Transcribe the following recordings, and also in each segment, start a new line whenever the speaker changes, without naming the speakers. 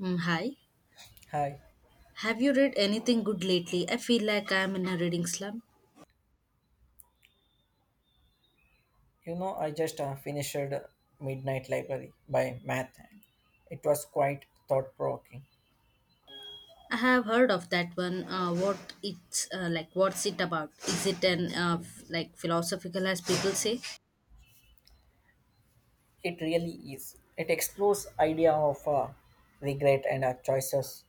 Mm, hi.
Hi,
Have you read anything good lately? I feel like I'm in a reading slump.
I just finished Midnight Library by Matt. It was quite thought provoking.
I have heard of that one. What it's like? What's it about? Is it an like philosophical, as people say?
It really is. It explores idea of regret and choices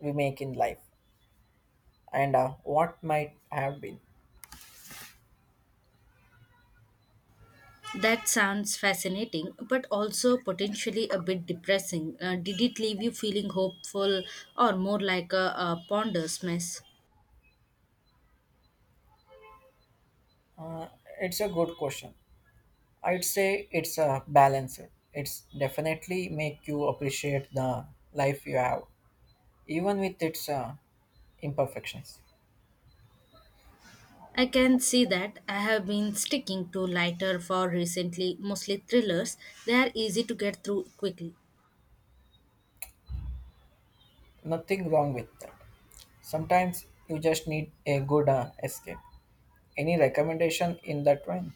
we make in life and what might have been.
That sounds fascinating, but also potentially a bit depressing. Did it leave you feeling hopeful, or more like a ponderous mess?
Uh, it's a good question. I'd say it's a balance. It's definitely make you appreciate the life you have, even with its imperfections.
I can see that I have been sticking to lighter for recently, mostly thrillers. They are easy to get through quickly.
Nothing wrong with that. Sometimes you just need a good escape. Any recommendation in that vein?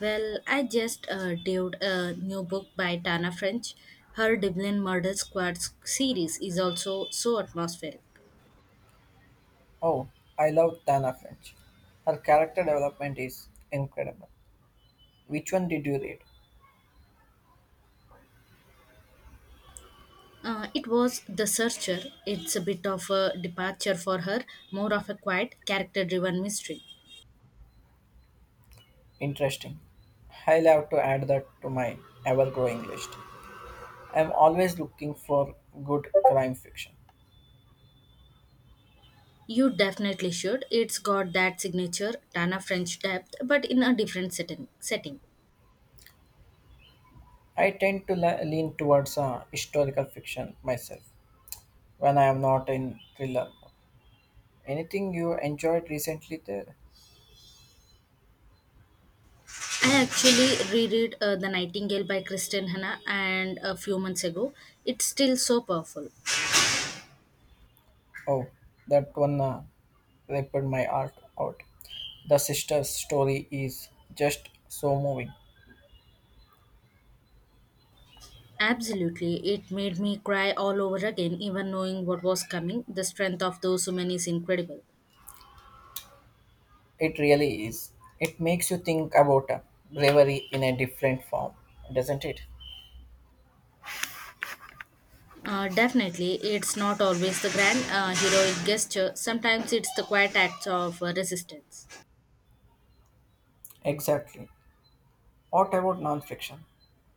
Well, I just did a new book by Tana French. Her Dublin Murder Squad series is also so atmospheric.
Oh, I love Tana French. Her character development is incredible. Which one did you read?
It was The Searcher. It's a bit of a departure for her, more of a quiet, character driven mystery.
Interesting. I'll have to add that to my ever growing list. I'm always looking for good crime fiction.
You definitely should. It's got that signature Tana French depth, but in a different setting.
I tend to lean towards historical fiction myself when I am not in thriller. Anything you enjoyed recently there?
I actually reread The Nightingale by Kristen Hanna and a few months ago. It's still so powerful.
Oh, that one ripped my heart out. The sister's story is just so moving.
Absolutely. It made me cry all over again, even knowing what was coming. The strength of those women is incredible.
It really is. It makes you think about bravery in a different form, doesn't it?
Definitely, it's not always the grand heroic gesture, sometimes it's the quiet acts of resistance.
Exactly. What about nonfiction?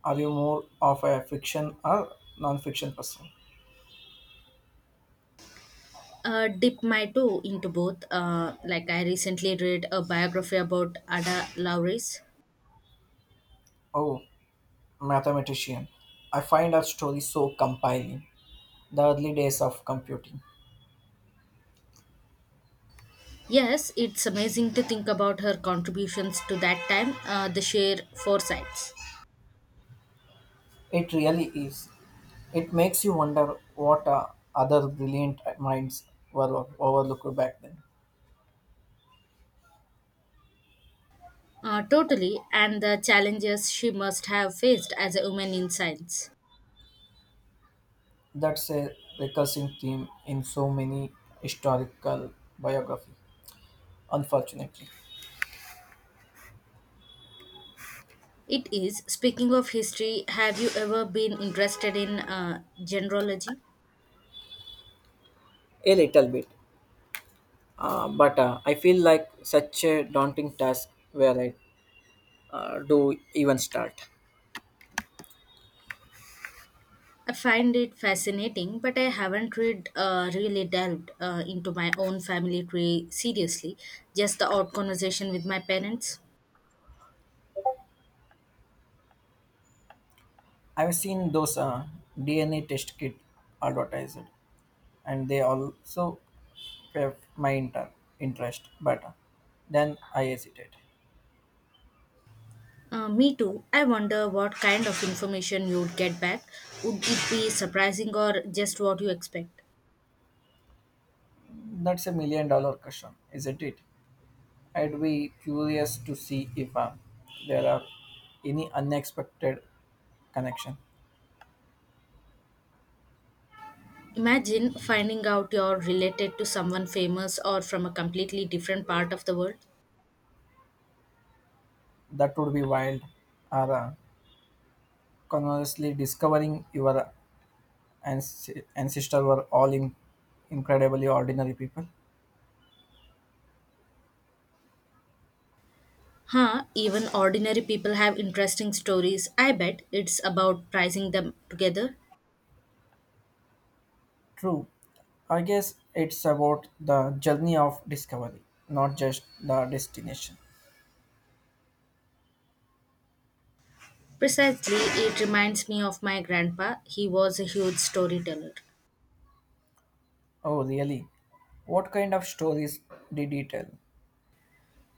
Are you more of a fiction or nonfiction person?
Dip my toe into both. Like, I recently read a biography about Ada Lovelace.
Oh, mathematician. I find her story so compelling. The early days of computing,
Yes, it's amazing to think about her contributions to that time, the sheer foresights.
it really is. It makes you wonder what other brilliant minds were overlooked back then.
Totally, and the challenges she must have faced as a woman in science.
That's a recurring theme in so many historical biography, unfortunately.
It is, speaking of history, have you ever been interested in genealogy?
A little bit, but I feel like such a daunting task where I do even start.
I find it fascinating, but I haven't read, really delved into my own family tree seriously, just the odd conversation with my parents.
I've seen those DNA test kit advertised, and they also have my interest. But then I hesitated.
Me too. I wonder what kind of information you'd get back. Would it be surprising or just what you expect?
That's a million dollar question, isn't it? I'd be curious to see if there are any unexpected connection.
Imagine finding out you're related to someone famous or from a completely different part of the world.
That would be wild. Or conversely, discovering your ancestors were all incredibly ordinary people.
Huh, even ordinary people have interesting stories. I bet it's about pricing them together.
True. I guess it's about the journey of discovery, not just the destination.
Precisely, it reminds me of my grandpa. He was a huge storyteller,
Oh, really? What kind of stories did he tell?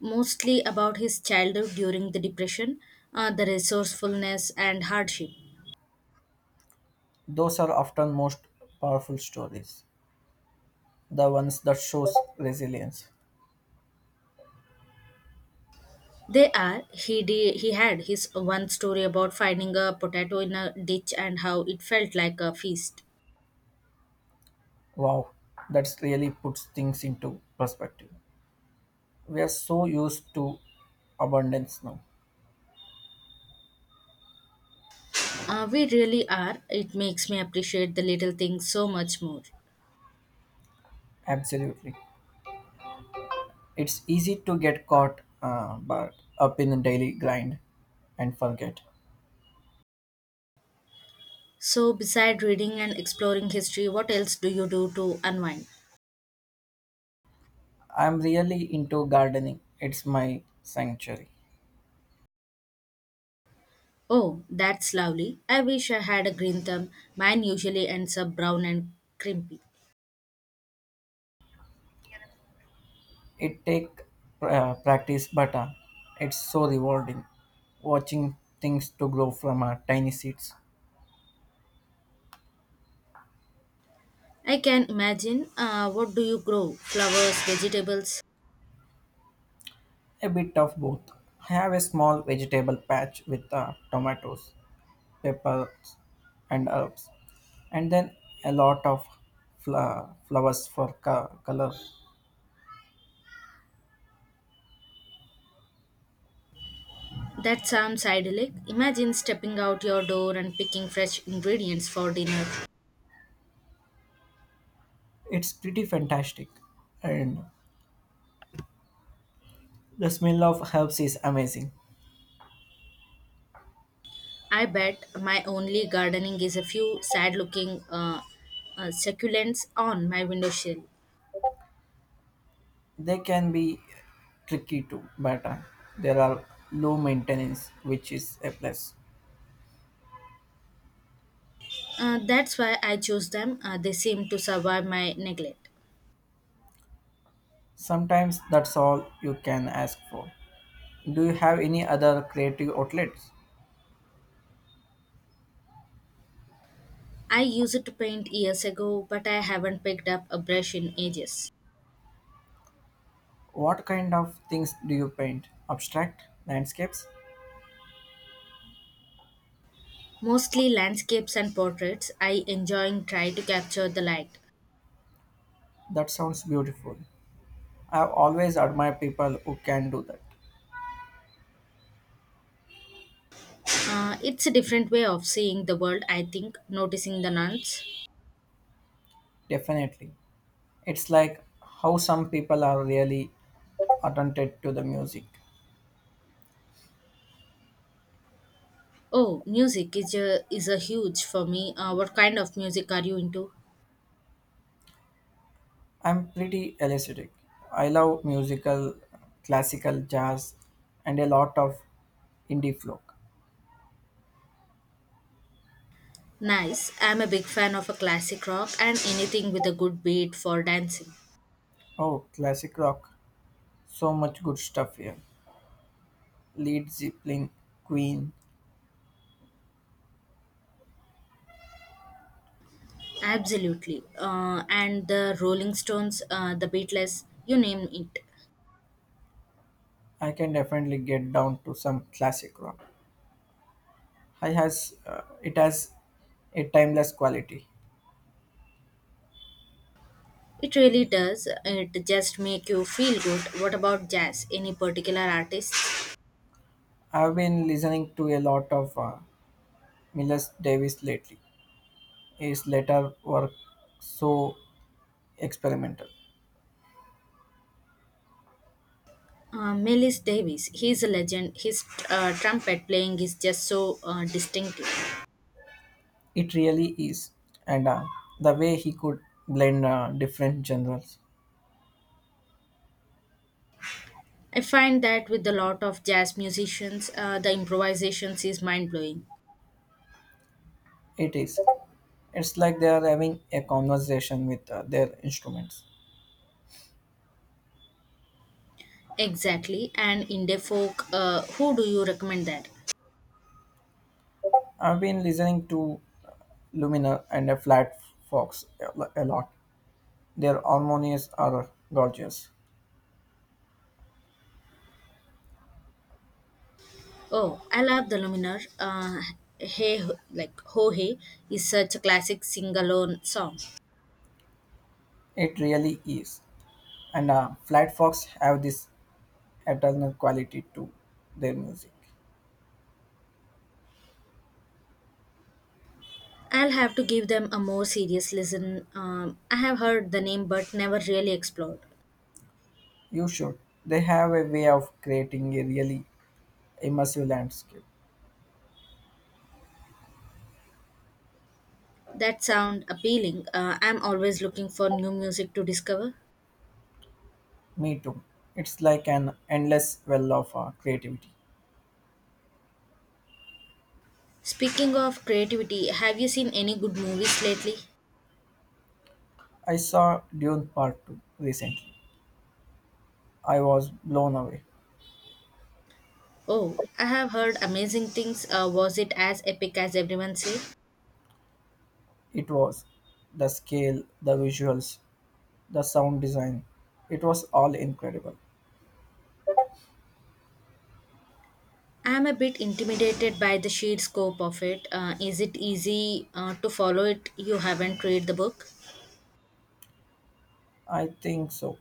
mostly about his childhood during the depression, the resourcefulness and hardship.
Those are often most powerful stories, the ones that shows resilience.
They are. He had his one story about finding a potato in a ditch and how it felt like a feast.
Wow, that's really puts things into perspective. We are so used to abundance now.
We really are. It makes me appreciate the little things so much more.
Absolutely, it's easy to get caught but up in the daily grind and forget.
So, beside reading and exploring history, what else do you do to unwind?
I'm really into gardening. It's my sanctuary.
Oh, that's lovely. I wish I had a green thumb. Mine usually ends up brown and crimpy.
It take practice, but it's so rewarding watching things to grow from tiny seeds.
I can imagine. What do you grow? Flowers, vegetables?
A bit of both. I have a small vegetable patch with tomatoes, peppers, and herbs, and then a lot of flowers for color.
That sounds idyllic. Imagine stepping out your door and picking fresh ingredients for dinner.
It's pretty fantastic, and the smell of herbs is amazing.
I bet my only gardening is a few sad looking succulents on my windowsill.
They can be tricky too, but there are low maintenance, which is a plus.
That's why I chose them. They seem to survive my neglect.
Sometimes that's all you can ask for. Do you have any other creative outlets?
I used it to paint years ago, but I haven't picked up a brush in ages.
What kind of things do you paint? Abstract? Landscapes?
Mostly landscapes and portraits, I enjoying try to capture the light.
That sounds beautiful. I've always admired people who can do that.
It's a different way of seeing the world, I think, noticing the nuance.
Definitely. It's like how some people are really attentive to the music.
Oh, music is a huge for me. What kind of music are you into?
I'm pretty eclectic. I love musical, classical, jazz, and a lot of indie folk.
Nice. I'm a big fan of a classic rock and anything with a good beat for dancing.
Oh, classic rock. So much good stuff here. Lead Zeppelin, Queen.
Absolutely. And the Rolling Stones, the Beatles, you name it.
I can definitely get down to some classic rock. I has it has a timeless quality.
It really does. It just make you feel good. What about jazz? Any particular artist?
I've been listening to a lot of Miles Davis lately. His later work so experimental.
Miles Davis. He's a legend. His trumpet playing is just so distinctive.
It really is, and the way he could blend different genres,
I find that with a lot of jazz musicians, the improvisations is mind blowing.
it is. It's like they are having a conversation with their instruments.
Exactly. And indie folk, who do you recommend there?
I've been listening to Lumina and a Flat Fox a lot. Their harmonies are gorgeous.
Oh, I love The Luminar. Hey, like Ho Hey is such a classic sing-alone song.
It really is. And Flat Fox have this eternal quality to their music.
I'll have to give them a more serious listen. I have heard the name but never really explored.
You should. They have a way of creating a really immersive landscape.
That sound appealing. I'm always looking for new music to discover.
Me too. It's like an endless well of creativity.
Speaking of creativity, have you seen any good movies lately?
I saw Dune Part 2 recently. I was blown away.
Oh, I have heard amazing things. Was it as epic as everyone said?
It was the scale, the visuals, the sound design. It was all incredible.
I'm a bit intimidated by the sheer scope of it. Is it easy to follow it? You haven't read the book?
I think so.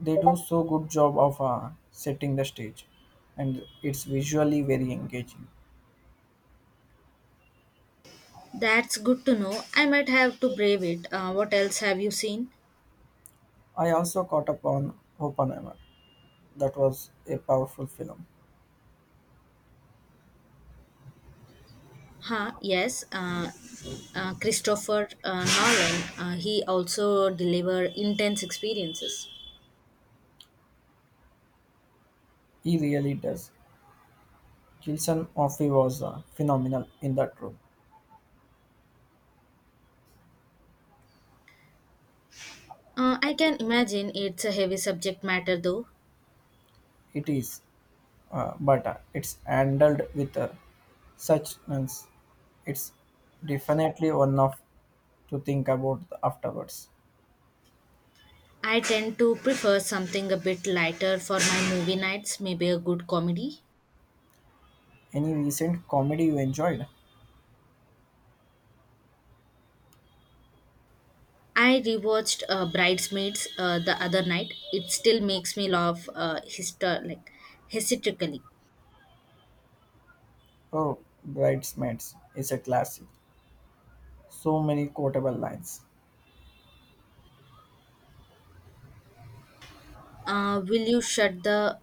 They do so good job of setting the stage, and it's visually very engaging.
That's good to know. I might have to brave it. What else have you seen?
I also caught up on Oppenheimer. That was a powerful film.
Huh, yes. Christopher Nolan. He also deliver intense experiences.
He really does. Kilson Offee was phenomenal in that role.
I can imagine it's a heavy subject matter though.
It is, but it's handled with such nuance. It's definitely one of to think about afterwards.
I tend to prefer something a bit lighter for my movie nights, maybe a good comedy.
Any recent comedy you enjoyed?
I rewatched Bridesmaids the other night. It still makes me laugh like, hysterically.
Oh, Bridesmaids is a classic. So many quotable lines.
Will You Shut the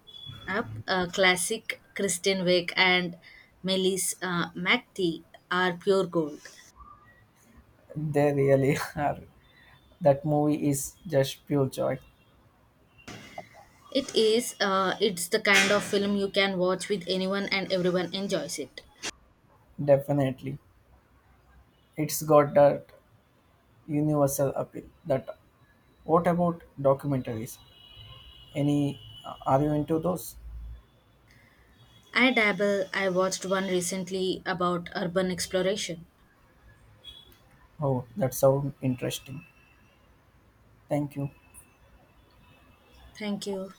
Up? Classic Kristen Wiig and Melissa McTee are pure gold.
They really are. That movie is just pure joy.
It is. It's the kind of film you can watch with anyone and everyone enjoys it.
Definitely. It's got that universal appeal. That what about documentaries? Any are you into those?
I dabble. I watched one recently about urban exploration.
Oh, that sounds interesting. Thank you.
Thank you.